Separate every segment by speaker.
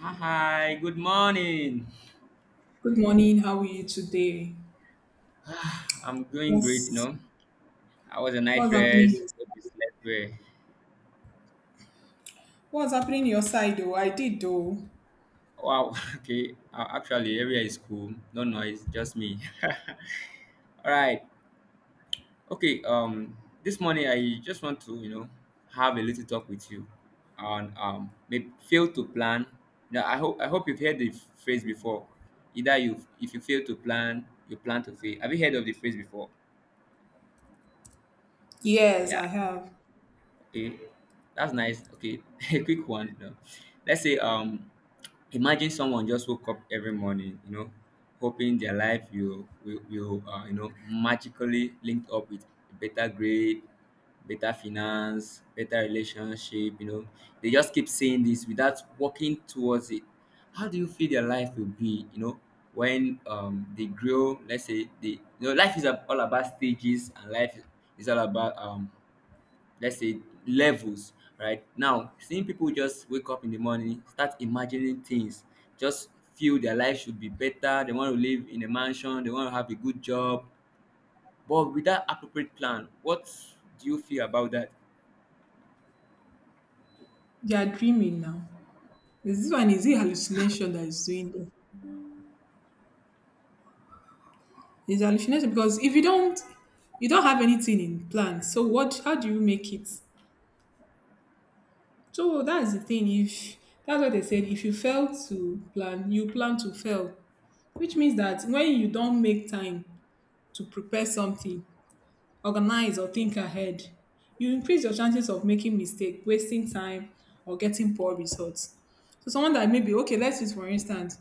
Speaker 1: Hi, good morning.
Speaker 2: Good morning. How are you today?
Speaker 1: I'm doing great, you
Speaker 2: What's
Speaker 1: know. I was a night
Speaker 2: what's happening?
Speaker 1: rest. Hope you slept well.
Speaker 2: What's happening in your side, though? I did, though.
Speaker 1: Wow, okay. Actually, area is cool. No noise, just me. All right. Okay, this morning I just want to have a little talk with you on maybe fail to plan. Now, I hope you've heard the phrase before. Either you if you fail to plan, you plan to fail. Have you heard of the phrase before?
Speaker 2: Yes,
Speaker 1: Yeah.
Speaker 2: I have.
Speaker 1: Okay, that's nice. Okay, a quick one. You Let's say imagine someone just woke up every morning, hoping their life will magically linked up with a better grade, better finance, better relationship. They just keep saying this without working towards it. How do you feel their life will be when they grow? Let's say they you know life is all about stages, and life is all about let's say levels. Right now, seeing people just wake up in the morning, start imagining things, just feel their life should be better, they want to live in a mansion, they want to have a good job, but without appropriate plan, what do you feel about that?
Speaker 2: They are dreaming now. Is this one? Is it hallucination that is doing them? It's hallucination because if you don't, you don't have anything in plan. So what? How do you make it? So that's the thing. If that's what they said, if you fail to plan, you plan to fail, which means that when you don't make time to prepare something, organize or think ahead. You increase your chances of making mistake, wasting time, or getting poor results. So someone that maybe, okay, let's use for instance,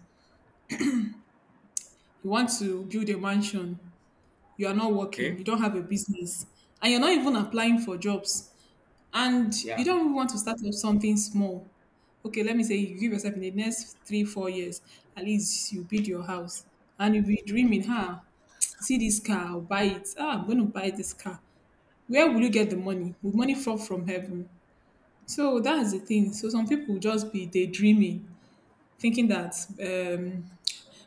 Speaker 2: you want to build a mansion, you are not working,
Speaker 1: Okay.
Speaker 2: you don't have a business, and you're not even applying for jobs, and you
Speaker 1: Yeah.
Speaker 2: don't even want to start up something small. Okay, let me say you give yourself in the next 3, 4 years, at least you build your house. And you'll be dreaming, huh? See this car, I'll buy it. Ah, I'm going to buy this car. Where will you get the money? Will money fall from heaven? So that's the thing. So some people will just be daydreaming, thinking that um,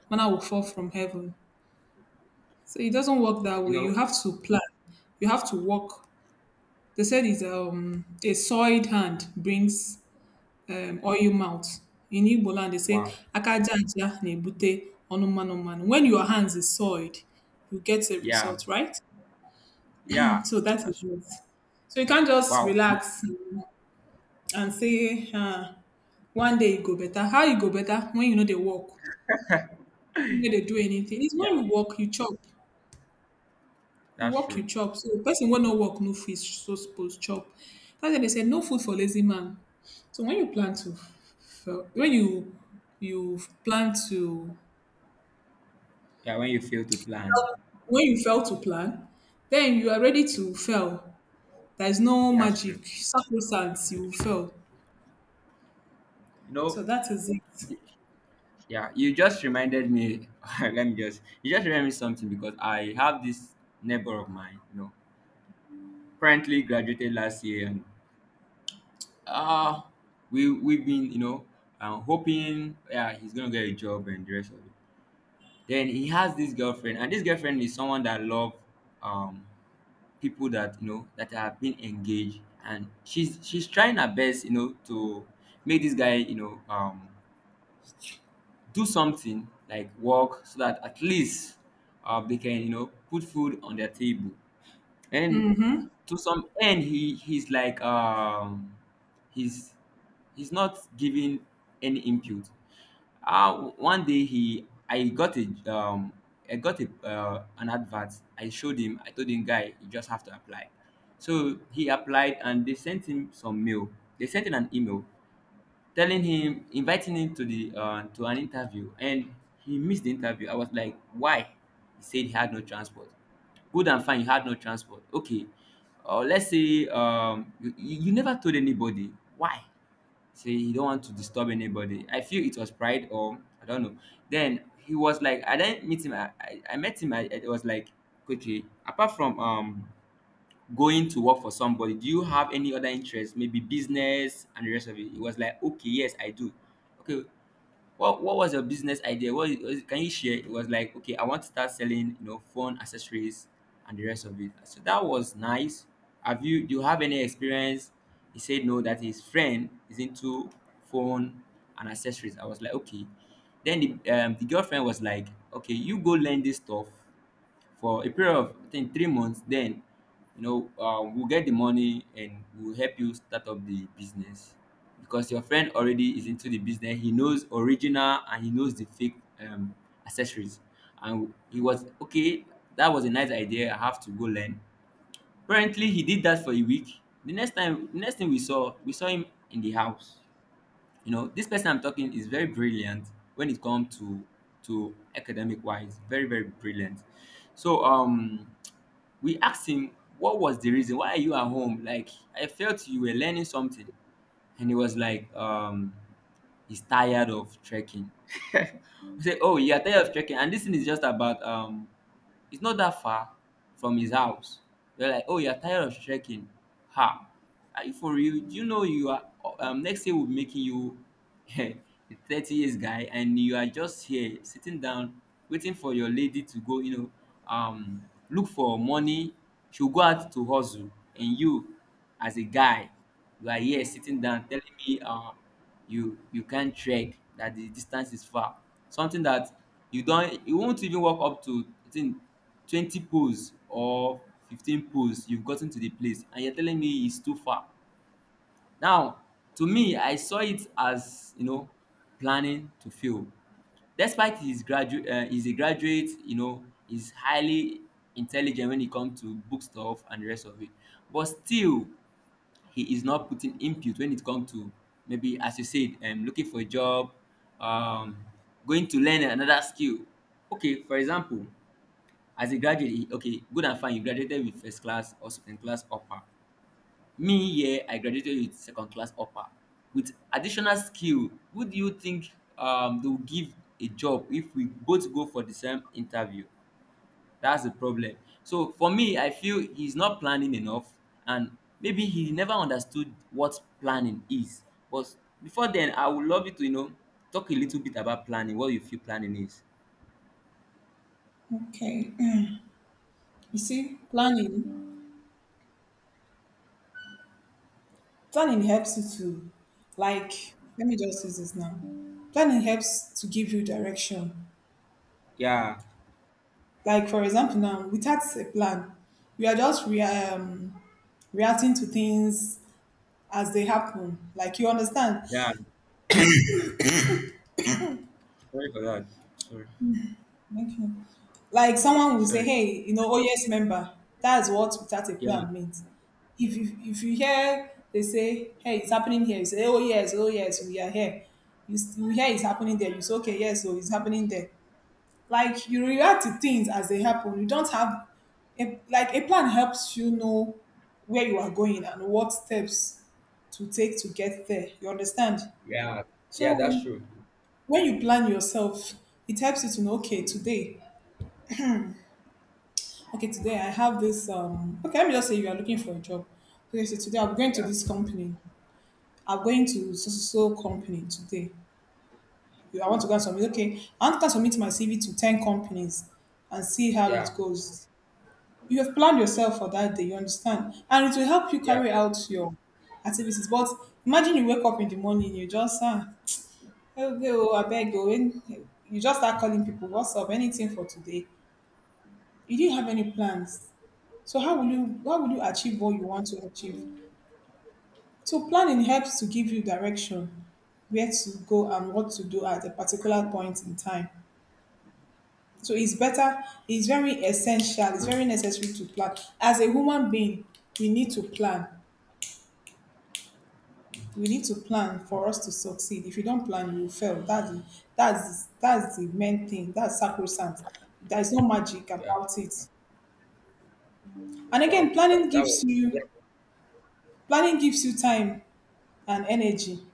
Speaker 2: manna will fall from heaven. So it doesn't work that
Speaker 1: You
Speaker 2: way. You
Speaker 1: know,
Speaker 2: have to plan. You have to work. They said is a soiled hand brings oil mouth. In Igbo land, they say
Speaker 1: wow.
Speaker 2: akaja aja na-ebute ọnụ mmanụ mmanụ. When your hands is soiled, you get a
Speaker 1: Yeah,
Speaker 2: result, right?
Speaker 1: yeah,
Speaker 2: So that
Speaker 1: that's
Speaker 2: is
Speaker 1: true.
Speaker 2: it. So you can't just
Speaker 1: Wow.
Speaker 2: relax and say, huh, one day you go better. How you go better when you know they work, you no dey do anything? It's when
Speaker 1: Yeah,
Speaker 2: you work, you chop. You
Speaker 1: that's
Speaker 2: work,
Speaker 1: true.
Speaker 2: you chop. So person wey no work no fish. So suppose chop. That's why they say no food for lazy man. So when you fel when you you plan to
Speaker 1: Yeah, when you fail to plan
Speaker 2: when you fail to plan, then you are ready
Speaker 1: it.
Speaker 2: to fail. There is no
Speaker 1: Yeah, that's true,
Speaker 2: magic, sacrosanct, you will fail.
Speaker 1: you know.
Speaker 2: So that is it.
Speaker 1: Yeah, you just reminded me. let me just. You just reminded me something because I have this neighbor of mine. Currently graduated last year, and uh we've been hoping yeah he's gonna get a job and the rest of it. Then he has this girlfriend, and this girlfriend is someone that love um people that you know that have been engaged, and she's trying her best you know to make this guy do something like work, so that at least they can you know put food on their table. And to some end he he's like he's he's not giving any input. One day he I got a I got a an advert. I showed him, I told him, guy, you just have to apply. So he applied, and they sent him some mail. They sent him an email telling him, inviting him to the to an interview, and he missed the interview. I was like, why? He said he had no transport. Good and fine, you had no transport. Okay, or let's say you never told anybody why? Say you don't want to disturb anybody. I feel it was pride or I don't know. Then he was like, I didn't meet him I met him. I was like, okay, apart from going to work for somebody, do you have any other interests, maybe business and the rest of it? It was like, okay, yes, I do. Okay, what was your business idea? Can you share? It was like, okay, I want to start selling, you know, phone accessories and the rest of it. So that was nice. Have you do you have any experience? He said no, that his friend is into phone and accessories. I was like, okay. Then the girlfriend was like, okay, you go learn this stuff for a period of I think 3 months. Then, you know, we'll get the money and we'll help you start up the business, because your friend already is into the business. He knows original and he knows the fake accessories. And he was okay. That was a nice idea. I have to go learn. Apparently, he did that for a week. Next thing we saw him in the house. You know, this person I'm talking is very brilliant when it comes to academic wise. Very brilliant. So we asked him what was the reason. Why are you at home? Like I felt you were learning something. And he was like, he's tired of trekking. We said, oh, you are tired of trekking. And this thing is just about it's not that far from his house. You're like, oh, you're tired of trekking. Ha! Are you for real? Do you know you are? Next year will be making you a 30 years guy, and you are just here sitting down, waiting for your lady to go. You know, look for money. She'll go out to hustle, and you, as a guy, you are here sitting down telling me you can't trek that the distance is far. Something that you won't even walk up to I think 20 poles or 15 poles, you've gotten to the place and you're telling me it's too far. Now, to me, I saw it as you know planning to fail. Despite his graduate he's a graduate, you know, he's highly intelligent when it comes to book stuff and the rest of it. But still he is not putting input when it comes to maybe, as you said, looking for a job, um, going to learn another skill. Okay, for example, as a graduate okay, good and fine, you graduated with first class or second class upper. Me, yeah, I graduated with second class upper with additional skill. Who do you think they will give a job if we both go for the same interview? That's the problem. So for me, I feel he's not planning enough, and maybe he never understood what planning is. But before then, I would love you to you know talk a little bit about planning. What you feel planning is?
Speaker 2: Okay. You see, planning helps you to, like, let me just use this now. Planning helps to give you direction.
Speaker 1: Yeah,
Speaker 2: Like, for example, now, without a plan, you are just reacting to things as they happen. Like, you understand?
Speaker 1: yeah. Sorry for that. Sorry,
Speaker 2: Okay. Like, someone will say,
Speaker 1: sorry.
Speaker 2: hey, you know, oh, yes, member. That's what without a
Speaker 1: Yeah,
Speaker 2: plan means. If you hear they say, hey, it's happening here, you say, oh, yes, oh, yes, we are here. You, you hear it's happening there, you say, okay, yes, so it's happening there. Like you react to things as they happen, you don't have a, like a plan helps you know where you are going and what steps to take to get there, you understand?
Speaker 1: yeah,
Speaker 2: So
Speaker 1: yeah. That's true.
Speaker 2: when you plan yourself, it helps you to know, okay, today, okay, today I have this okay, let me just say you are looking for a job. Okay, so today I'm going to
Speaker 1: Yeah,
Speaker 2: this company, I'm going to so so so company today. I want to go and submit, okay, I want to go and submit my cv to 10 companies and see how it
Speaker 1: yeah,
Speaker 2: goes. You have planned yourself for that day, you understand? And it will help you
Speaker 1: yeah,
Speaker 2: carry out your activities. But imagine you wake up in the morning, you just ah, okay, oh, I beg you, when you just start calling people, what's up, anything for today? You didn't have any plans. So how will you achieve what you want to achieve? So planning helps to give you direction, where to go and what to do at a particular point in time. So it's better, it's very essential, it's very necessary to plan. As a human being, we need to plan we need to plan for us to succeed. If you don't plan, you will fail. That's the, that's the main thing. That's sacrosanct. There's no magic
Speaker 1: yeah.
Speaker 2: about it. And again,
Speaker 1: Wow,
Speaker 2: planning
Speaker 1: that that was
Speaker 2: gives you
Speaker 1: yeah,
Speaker 2: planning gives you time and energy.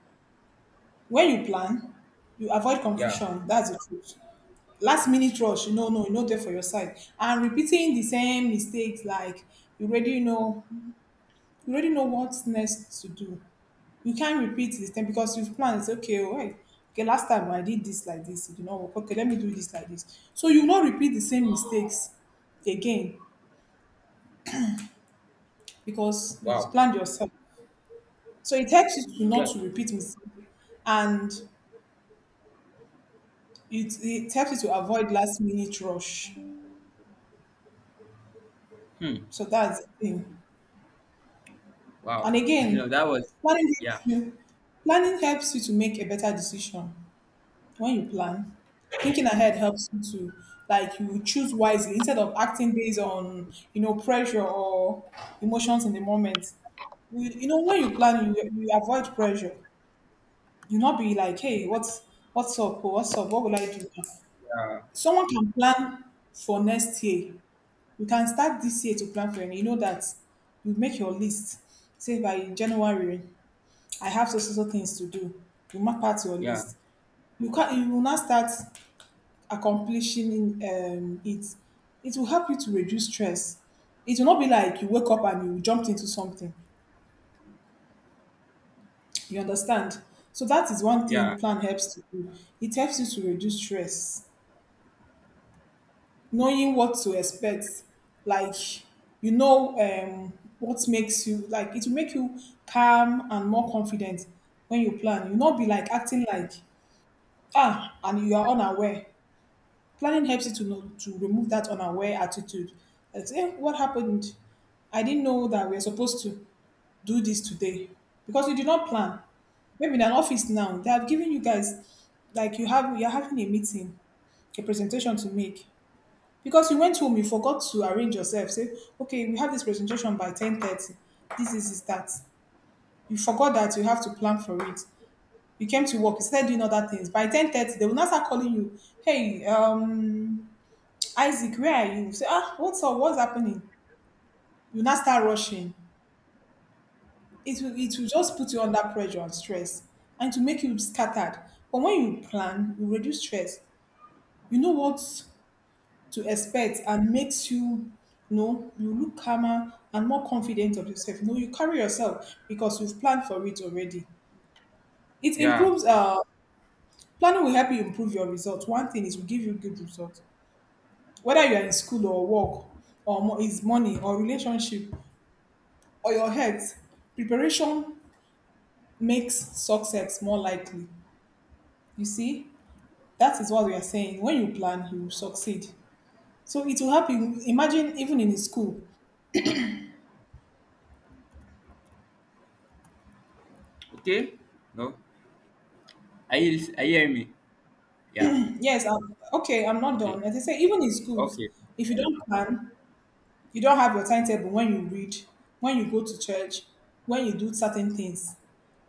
Speaker 2: When you plan, you avoid
Speaker 1: yeah.
Speaker 2: confusion. That's the truth. Last minute rush, no no, you no there for your side, and repeating the same mistakes. Like you already know, you already know what's next to do. You can't repeat this thing because you've planned, say, okay, all right. Okay, last time I did this like this, you know, okay, let me do this like this. So you will not repeat the same mistakes again because you've
Speaker 1: Wow,
Speaker 2: planned yourself. So it helps you to
Speaker 1: yeah.
Speaker 2: not to repeat mistakes, and it helps you to avoid last minute rush.
Speaker 1: Hmm.
Speaker 2: So that's the thing.
Speaker 1: Wow.
Speaker 2: And
Speaker 1: You
Speaker 2: again,
Speaker 1: know that was
Speaker 2: planning helps
Speaker 1: yeah,
Speaker 2: you. Planning helps you to make a better decision. When you plan, thinking ahead helps you to, like, you choose wisely instead of acting based on, you know, pressure or emotions in the moment. You know, when you plan, you avoid pressure. You not be like, hey, what's up, oh, what's up, what will I do now?
Speaker 1: yeah,
Speaker 2: Someone can plan for next year. You can start this year to plan for it. You know that, you make your list, say by January I have so so so things to do. You map out your
Speaker 1: yeah,
Speaker 2: list. You can, you will not start accomplishing um, it, it will help you to reduce stress. It will not be like you wake up and you jumped into something. You understand? So that is one
Speaker 1: yeah,
Speaker 2: thing plan helps to do. It helps you to reduce stress, knowing what to expect. Like, you know, what makes you, like, it will make you calm and more confident when you plan. You'll not be like acting like ah and you are unaware. Planning helps you to know, to remove that unaware attitude. That's, what happened? I didn't know that we are supposed to do this today because you did not plan. Maybe in an office now, they have given you guys like you have you're having a meeting, a presentation to make. Because you went home, you forgot to arrange yourself. Say, okay, we have this presentation by 10:30. This is that. You forgot that you have to plan for it. You came to work, you started doing other things. By 10:30, they will not start calling you. Hey, Isaac, where are you? Say, ah, what's up? What's happening? You now start rushing. It will just put you under pressure and stress, and to make you scattered. But when you plan, you reduce stress. You know what to expect, and makes you, you know, you look calmer and more confident of yourself. You know, you carry yourself because you've planned for it already. It
Speaker 1: yeah.
Speaker 2: improves planning will help you improve your results. One thing is, will give you good results. Whether you are in school or work or is money or relationship or your health. Preparation makes success more likely. You see, that is what we are saying. When you plan, you will succeed. So it will help you. Imagine even in school.
Speaker 1: Okay? No? Are you are you hearing me? Yeah.
Speaker 2: Yes, I'm, okay, I'm not
Speaker 1: Okay.
Speaker 2: done. As I say, even in schools,
Speaker 1: Okay.
Speaker 2: if you don't plan, you don't have your timetable, when you read, when you go to church, when you do certain things.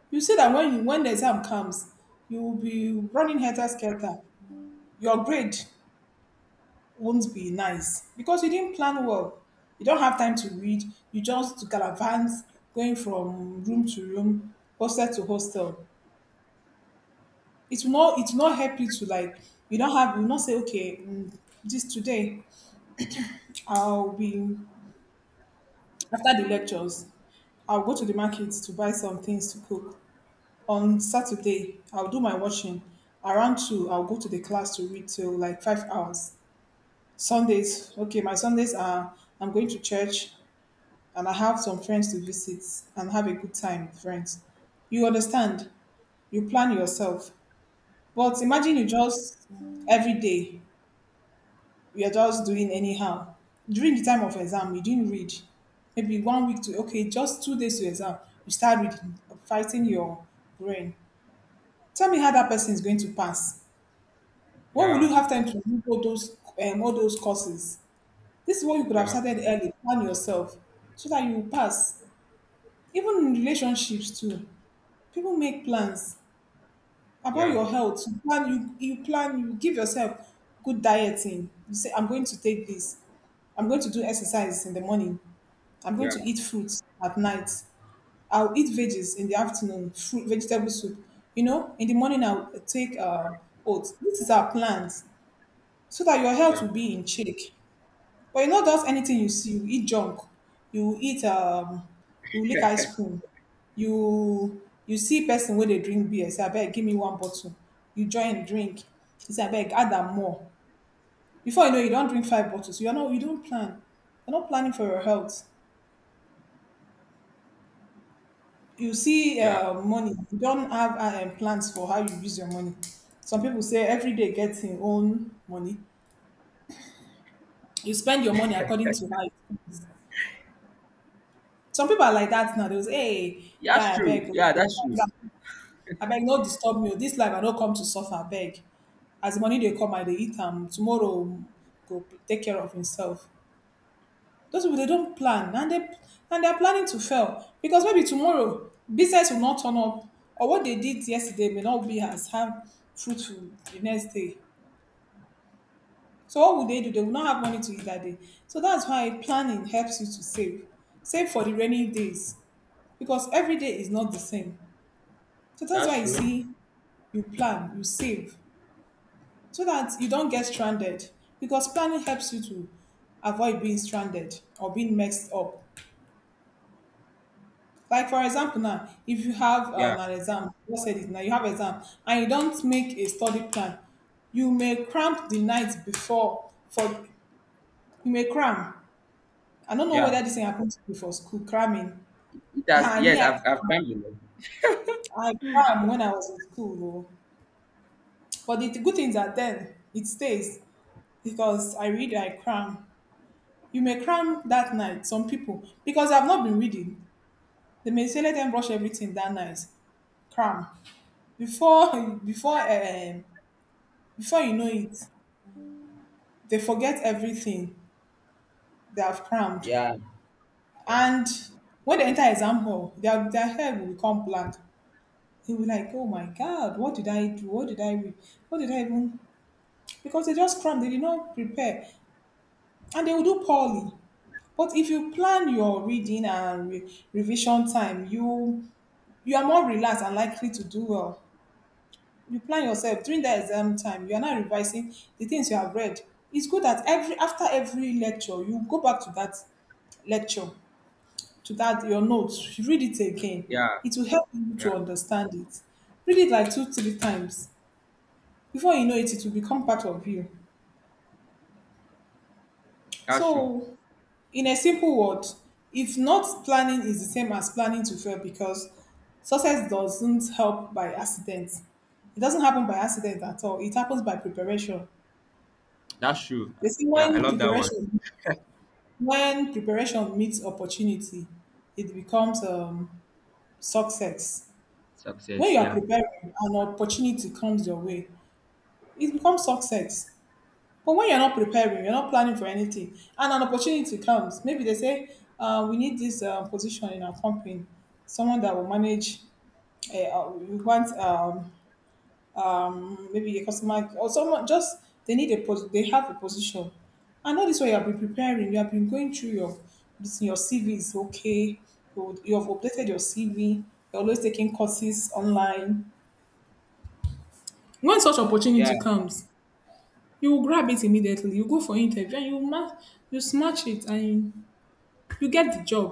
Speaker 2: You see that when you, when the exam comes, you will be running helter skelter. Your grade won't be nice because you didn't plan well. You don't have time to read. You just gallivant going from room to room, hostel to hostel. It will not. It will not help you to, like. You don't have. You will not say okay. This today, I'll be after the lectures. I'll go to the market to buy some things to cook. On Saturday, I'll do my washing. Around 2, I'll go to the class to read till like 5 hours. Sundays, okay, my Sundays are I'm going to church, and I have some friends to visit and have a good time with friends. You understand? You plan yourself. But imagine you just every day you're just doing anyhow. During the time of exam, you didn't read. Maybe 1 week to okay, just 2 days to exam, you start reading, fighting your brain. Tell me how that person is going to pass. When will you
Speaker 1: Yeah.
Speaker 2: have time to do all those all those courses? This is what you could have
Speaker 1: Yeah.
Speaker 2: started early. Plan yourself so that you will pass. Even in relationships too. People make plans about
Speaker 1: Yeah.
Speaker 2: your health. You plan, you plan, you give yourself good dieting. You say, I'm going to take this. I'm going to do exercise in the morning. I'm going to
Speaker 1: Yeah.
Speaker 2: eat fruits at night. I'll eat veggies in the afternoon, fruit, vegetable soup. You know, in the morning I'll take oats. This is our plans so that your health
Speaker 1: Yeah.
Speaker 2: will be in check. But you know just anything you see, you eat junk, you eat you lick ice cream, you see person wey dey drink beer, say abeg give me one bottle, you join drink, you say abeg add am more. Before you know you don drink five bottles, you don't plan, you're not planning for your health. You see
Speaker 1: Yeah.
Speaker 2: money, you don't have plans for how you use your money. Some people say every day get im own money. You spend your money according to how it comes. Some people are like that now. They'll say, hey,
Speaker 1: Yeah, that's
Speaker 2: guy, I
Speaker 1: true.
Speaker 2: beg.
Speaker 1: Yeah, that's true.
Speaker 2: I beg, no disturb me. This life, I don't come to suffer, I beg. As the money they come, I they eat am. Tomorrow, go take care of himself. Those people, they don't plan. And they're planning to fail. Because maybe tomorrow, business will not turn up. Or what they did yesterday may not be as have fruitful the next day. So what would they do? They will not have money to eat that day. So that's why planning helps you to save. Save for the rainy days. Because every day is not the same. So that's why
Speaker 1: That's
Speaker 2: you
Speaker 1: true.
Speaker 2: see, you plan, you save, so that you don't get stranded. Because planning helps you to avoid being stranded or being messed up. Like for example, now if you have
Speaker 1: Yeah.
Speaker 2: an exam, you said it now you have exam, and you don't make a study plan, you may cramp the night before for you may cram. I don't know
Speaker 1: Yeah.
Speaker 2: whether this thing happened to you for school cramming.
Speaker 1: It has,
Speaker 2: I mean,
Speaker 1: yes, I've climbed the mountain.
Speaker 2: I cram when I was in school, though, but the good thing is that then it stays, because I read, I cram. You may cram that night, some people, because I've not been reading. They may say let them brush everything that night, cram. Before before you know it, they forget everything they have crammed.
Speaker 1: Yeah. Yeah.
Speaker 2: And when they enter exam hall, their head will become blank. They will be like, oh my God, what did I do? What did I read? What did I even? Because they just crammed, they did not prepare. And they will do poorly. But if you plan your reading and revision time, you are more relaxed and likely to do well. You plan yourself during the exam time. You are not revising the things you have read. It's good that every after every lecture, you go back to that lecture, to that your notes. You read it again.
Speaker 1: Yeah.
Speaker 2: It will help you to
Speaker 1: Yeah.
Speaker 2: understand it. Read it like two, three times. Before you know it, it will become part of you.
Speaker 1: That's true.
Speaker 2: So, in a simple word, if not planning is the same as planning to fail because success doesn't help by accident. It doesn't happen by accident at all. It happens by preparation.
Speaker 1: That's true.
Speaker 2: You see
Speaker 1: Yeah, I
Speaker 2: when
Speaker 1: love that one.
Speaker 2: preparation when preparation meets opportunity, it becomes success. When
Speaker 1: Success.
Speaker 2: you are
Speaker 1: Yeah.
Speaker 2: preparing, an opportunity comes your way. It becomes success. But when you're not preparing, you're not planning for anything, and an opportunity comes, maybe they say, "We need this position in our company, someone that will manage. We want maybe a customer or someone. Just they need a they have a position. And all this way, you have been preparing. You have been going through your your CV is okay. You have updated your CV. You're always taking courses online. When such
Speaker 1: Yeah.
Speaker 2: opportunity comes, you will grab it immediately. You go for interview and you smash it and you get the job.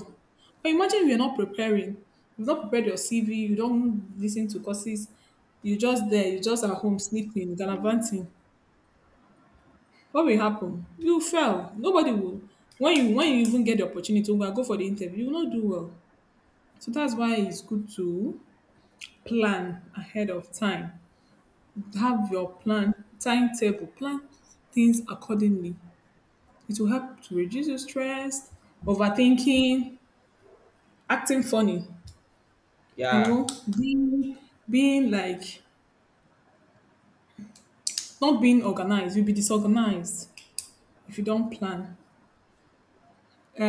Speaker 2: But imagine if you're not preparing, you've not prepared your CV, you don't listen to courses, you just there, you just at home sleeping, gallivanting. What will happen? You fail. Nobody will when you When you even get the opportunity to go for the interview, you will not do well. So that's why it's good to plan ahead of time, have your plan, timetable, plan things accordingly. It will help to reduce your stress, overthinking, acting funny, you know,
Speaker 1: Yeah.
Speaker 2: being, being like not being organized. You'll be disorganized if you don't plan.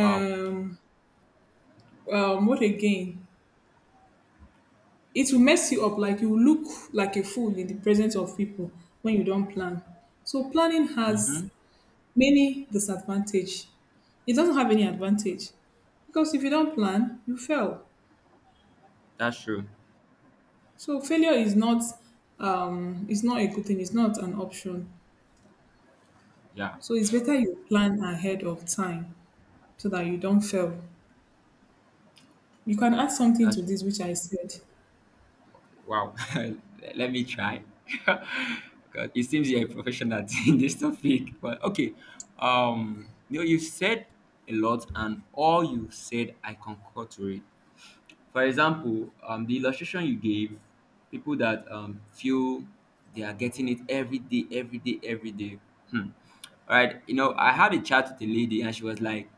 Speaker 1: Wow.
Speaker 2: what again? It will mess you up. Like you look like a fool in the presence of people when you don't plan. So planning has
Speaker 1: Mm-hmm.
Speaker 2: many disadvantage. It doesn't have any advantage because if you don't plan, you fail.
Speaker 1: That's true.
Speaker 2: So failure is not it's not a good thing, it's not an option.
Speaker 1: Yeah.
Speaker 2: So it's better you plan ahead of time so that you don't fail. You can add something
Speaker 1: That's
Speaker 2: to this which I said.
Speaker 1: Wow, let me try. God, it seems you're a professional in this topic, but okay. You know, you've said a lot, and all you said, I concur to it. For example, the illustration you gave, people that feel they are getting it every day, every day, every day. Hmm. All right, you know, I had a chat with a lady, and she was like,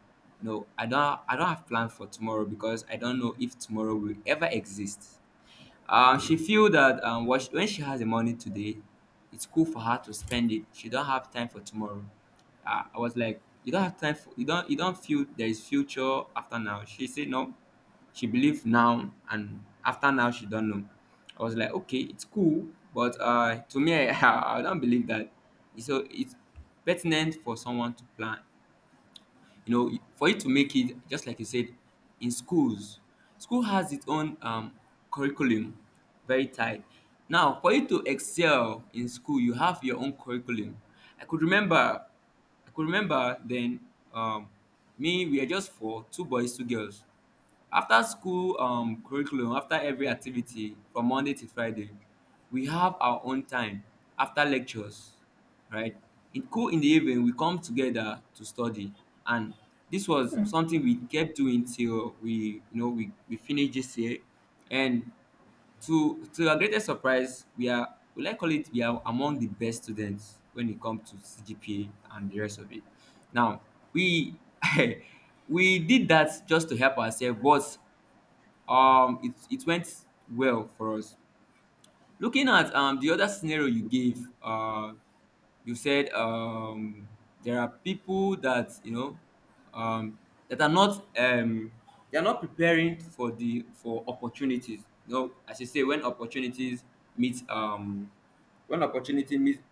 Speaker 1: "No, I don't. I don't have plan for tomorrow because I don't know if tomorrow will ever exist." She feel that when she has the money today, it's cool for her to spend it. She don't have time for tomorrow. I was like, you don't have time for you don't feel there is future after now. She said no. She believe now, and after now she don't know. I was like, okay, it's cool, but to me, I don't believe that. So it's pertinent for someone to plan, you know, for you to make it. Just like you said, in schools, school has its own curriculum, very tight. Now for you to excel in school, you have your own curriculum. i could remember I could remember then, um, me we are just four, two boys two girls. After school curriculum, after every activity from Monday to Friday, we have our own time after lectures, right, in cool in the evening we come together to study. And this was something we kept doing till we you know we finish this year. And to our greatest surprise, we are we like call it we are among the best students when it comes to CGPA and the rest of it. Now we we did that just to help ourselves, but it went well for us. Looking at the other scenario you gave, you said there are people that you know um that are not they are not preparing for the for opportunities, you know, as you say, when opportunities meet when opportunity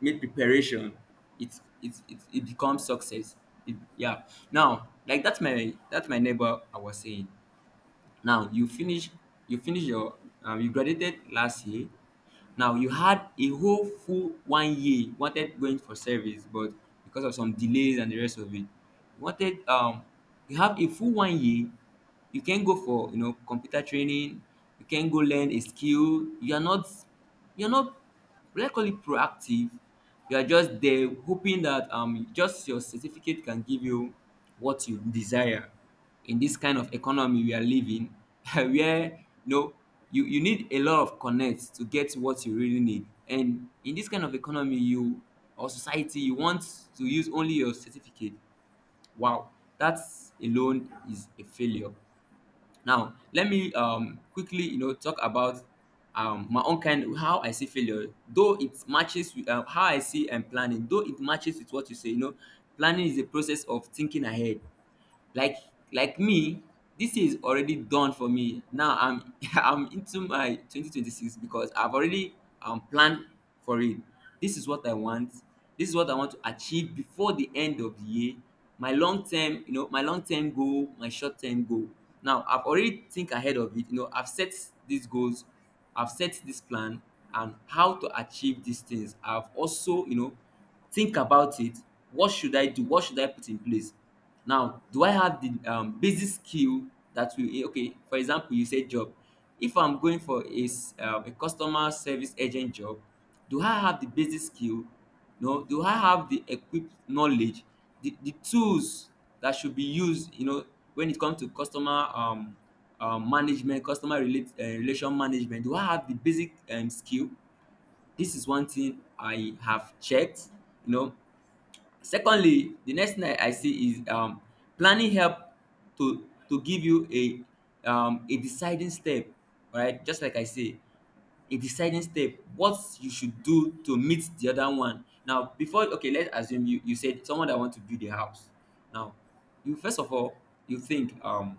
Speaker 1: meet preparation, it becomes success. Yeah. Now, like, that's my neighbor I was saying. Now you finish, you finish your you graduated last year. Now you had a whole full one year, you wanted going for service, but because of some delays and the rest of it, you wanted you have a full one year. You can go for you know computer training, you can go learn a skill. You are Not, let's call it proactive. You are just there hoping that just your certificate can give you what you desire in this kind of economy we are living where you know you need a lot of connects to get what you really need. And in this kind of economy you, or society, you want to use only your certificate. Wow, that alone is a failure. Now let me quickly talk about my own kind, how I see failure, though it matches with how I see and planning, though it matches with what you say. Planning is a process of thinking ahead. like like me, this year is already done for me. Now I'm I'm into my 2026 because I've already planned for it. This is what I want. This is what I want to achieve before the end of the year. My long term, my long term goal, my short term goal. Now I've already think ahead of it. I've set these goals, I've set this plan, and how to achieve these things I've also think about it. What should I do, what should I put in place? Now, do I have the basic skill that will okay? For example, you said job. If I'm going for a, a customer service agent job, do I have the basic skill? No, do I have the equipped knowledge, the tools that should be used? When it comes to customer management, customer relation management, do I have the basic skill? This is one thing I have checked. You know, secondly, the next thing I see is planning help to give you a deciding step, right? Just like I say, a deciding step, what you should do to meet the other one. Now, before, okay, let's assume you said someone that want to build a house. Now you first of all, you think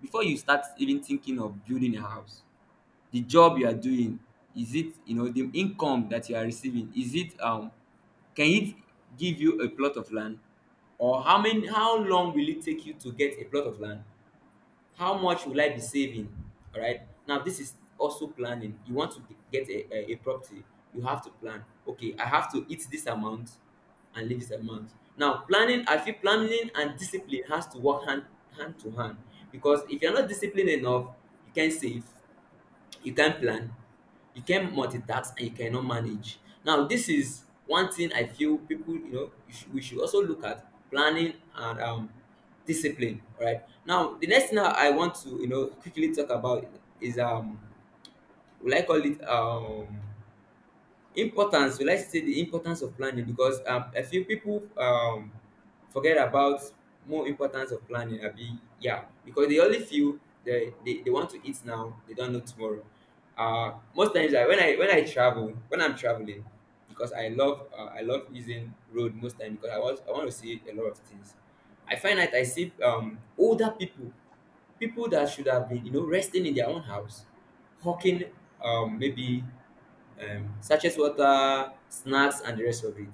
Speaker 1: before you start even thinking of building a house, the job you are doing, is it, the income that you are receiving, is it can it give you a plot of land? Or how many, how long will it take you to get a plot of land? How much will I be saving? All right, now this is also planning. You want to get a property, you have to plan. Okay, I have to eat this amount and leave this amount. Now planning, I feel planning and discipline has to work hand, hand to hand, because if you're not disciplined enough, you can't save, you can't plan, you can't multitask, and you cannot manage. Now, this is one thing I feel people, we should also look at planning and discipline. All right. Now, the next thing I want to, quickly talk about is will I call it importance, we like to say the importance of planning, because a few people forget about more importance of planning, abi? Yeah, because they only feel they want to eat now, they don't know tomorrow. Most times, like when I travel, when I'm traveling, because I love I love using road most time because I want to see a lot of things, I find that I see older people, people that should have been resting in their own house, hawking maybe sachet water, snacks, and the rest of it.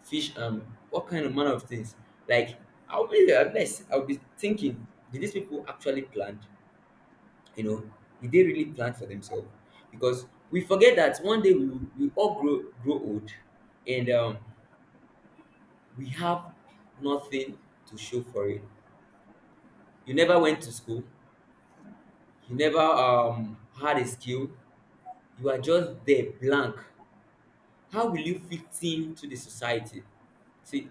Speaker 1: Fish, what kind of manner of things. Like, I'll be thinking, did these people actually plan? You know, did they really plan for themselves? Because we forget that one day we all grow old, and we have nothing to show for it. You never went to school. You never had a skill. You are just there blank. How will you fit in to the society? See,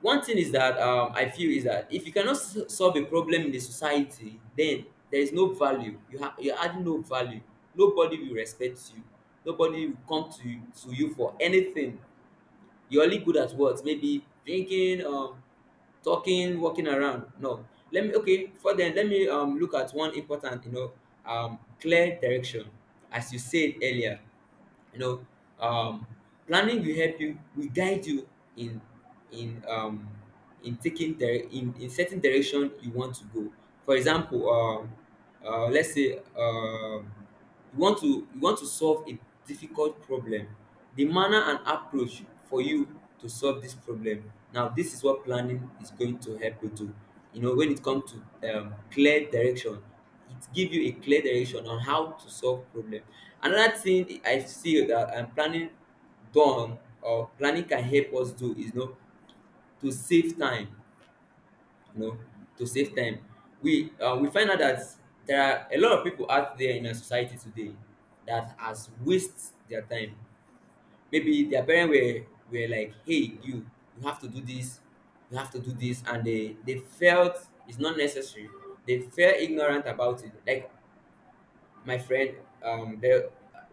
Speaker 1: one thing is that I feel is that if you cannot solve a problem in the society, then there is no value you you add, no value. Nobody will respect you, nobody will come to you, for anything. You're only good at what, maybe drinking, talking, walking around? No, let me, okay, for then let me look at one important, clear direction, as you said earlier. you know um, Planning will help you, will guide you in, in um, in taking in certain direction you want to go. For example let's say you want to, you want to solve a difficult problem. The manner and approach for you to solve this problem, now this is what planning is going to help you do. You know, when it comes to clear direction, it give you a clear direction on how to solve problem. Another thing I feel that planning done, or planning can help us do is, to save time. You know, to save time. We find out that there are a lot of people out there in our society today that has waste their time. Maybe their parents were like, "Hey, you have to do this, you have to do this," and they felt it's not necessary. They felt ignorant about it. Like my friend, there,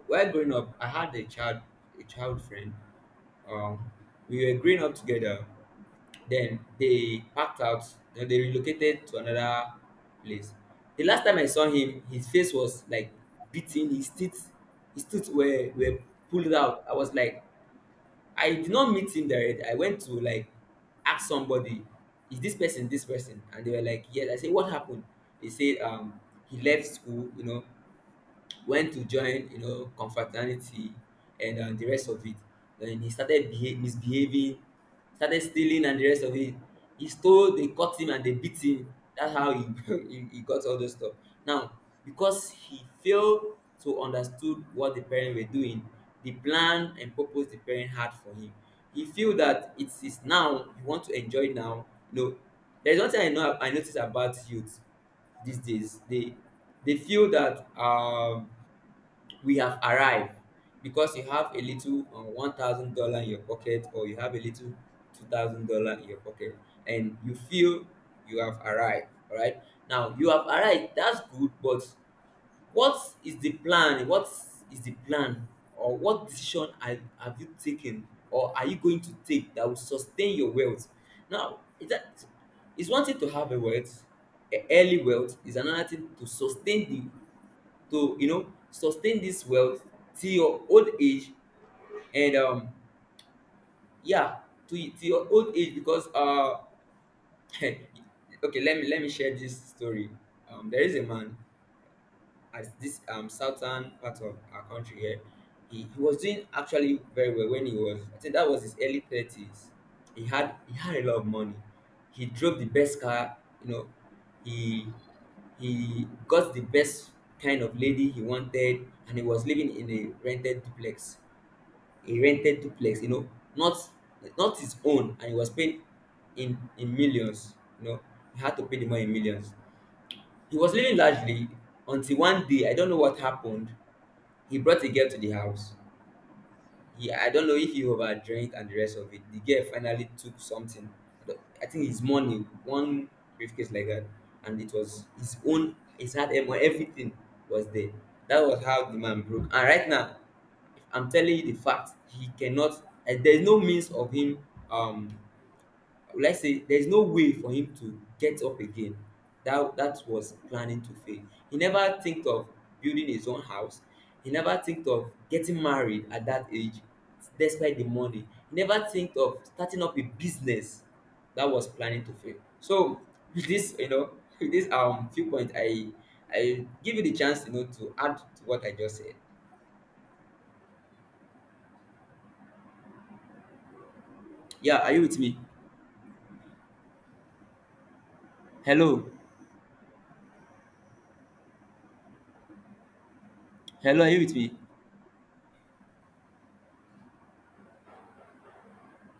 Speaker 1: while growing up, I had a child, a child friend, um we were growing up together, then they packed out, then they relocated to another place. The last time I saw him, his face was like beaten, his teeth, his teeth were pulled out. I was like, I did not meet him directly. I went to like ask somebody, is this person, this person? And they were like yes. I said, what happened? They said he left school, you know, when to join, you know, confraternity, and the rest of it. Then he started misbehaving, started stealing and the rest of it. He stole, they caught him and they beat him. That's how he, he got all those stuff. Now, because he failed to understood what the parents were doing, the plan and purpose the parent had for him. He feel that it is now, you want to enjoy now. No, there is one thing I know, I notice about youth these days. They feel that we have arrived, because you have a little 1,000 dollar in your pocket, or you have a little 2,000 dollar in your pocket, and you feel you have arrived. All right, now you have arrived, that's good, but what is the plan? What is the plan? Or what decision have you taken, or are you going to take, that will sustain your wealth? Now is that, it's one thing to have a wealth, a early wealth, is another thing to sustain, to sustain this wealth till your old age. And yeah, to your old age, because okay, let me share this story. There is a man at this southern part of our country here. He was doing actually very well when he was, I think that was his early thirties. He had a lot of money. He drove the best car, you know, he he got the best kind of lady he wanted, and he was living in a rented duplex. A rented duplex, you know, not, not his own. And he was paid in millions, you know. He had to pay the money in millions. He was living largely until one day, I don't know what happened. He brought a girl to the house. He, I don't know if he overdrank and the rest of it. The girl finally took something. I don't- I think his money, one briefcase like that, and it was his own. His hard earned money, everything was there. That was how the man broke. And right now, I'm telling you the fact. He cannot. There's no means of him um will I say there's no way for him to get up again. That was planning to fail. He never think of building his own house. He never think of getting married at that age, despite the money. He never think of starting up a business. That was planning to fail. So with this, you know, with this few point, I give you the chance, you know, to add to what I just said. Yeah, are you with me? Hello, hello, are you with me?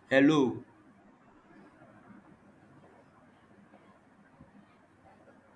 Speaker 1: Hello.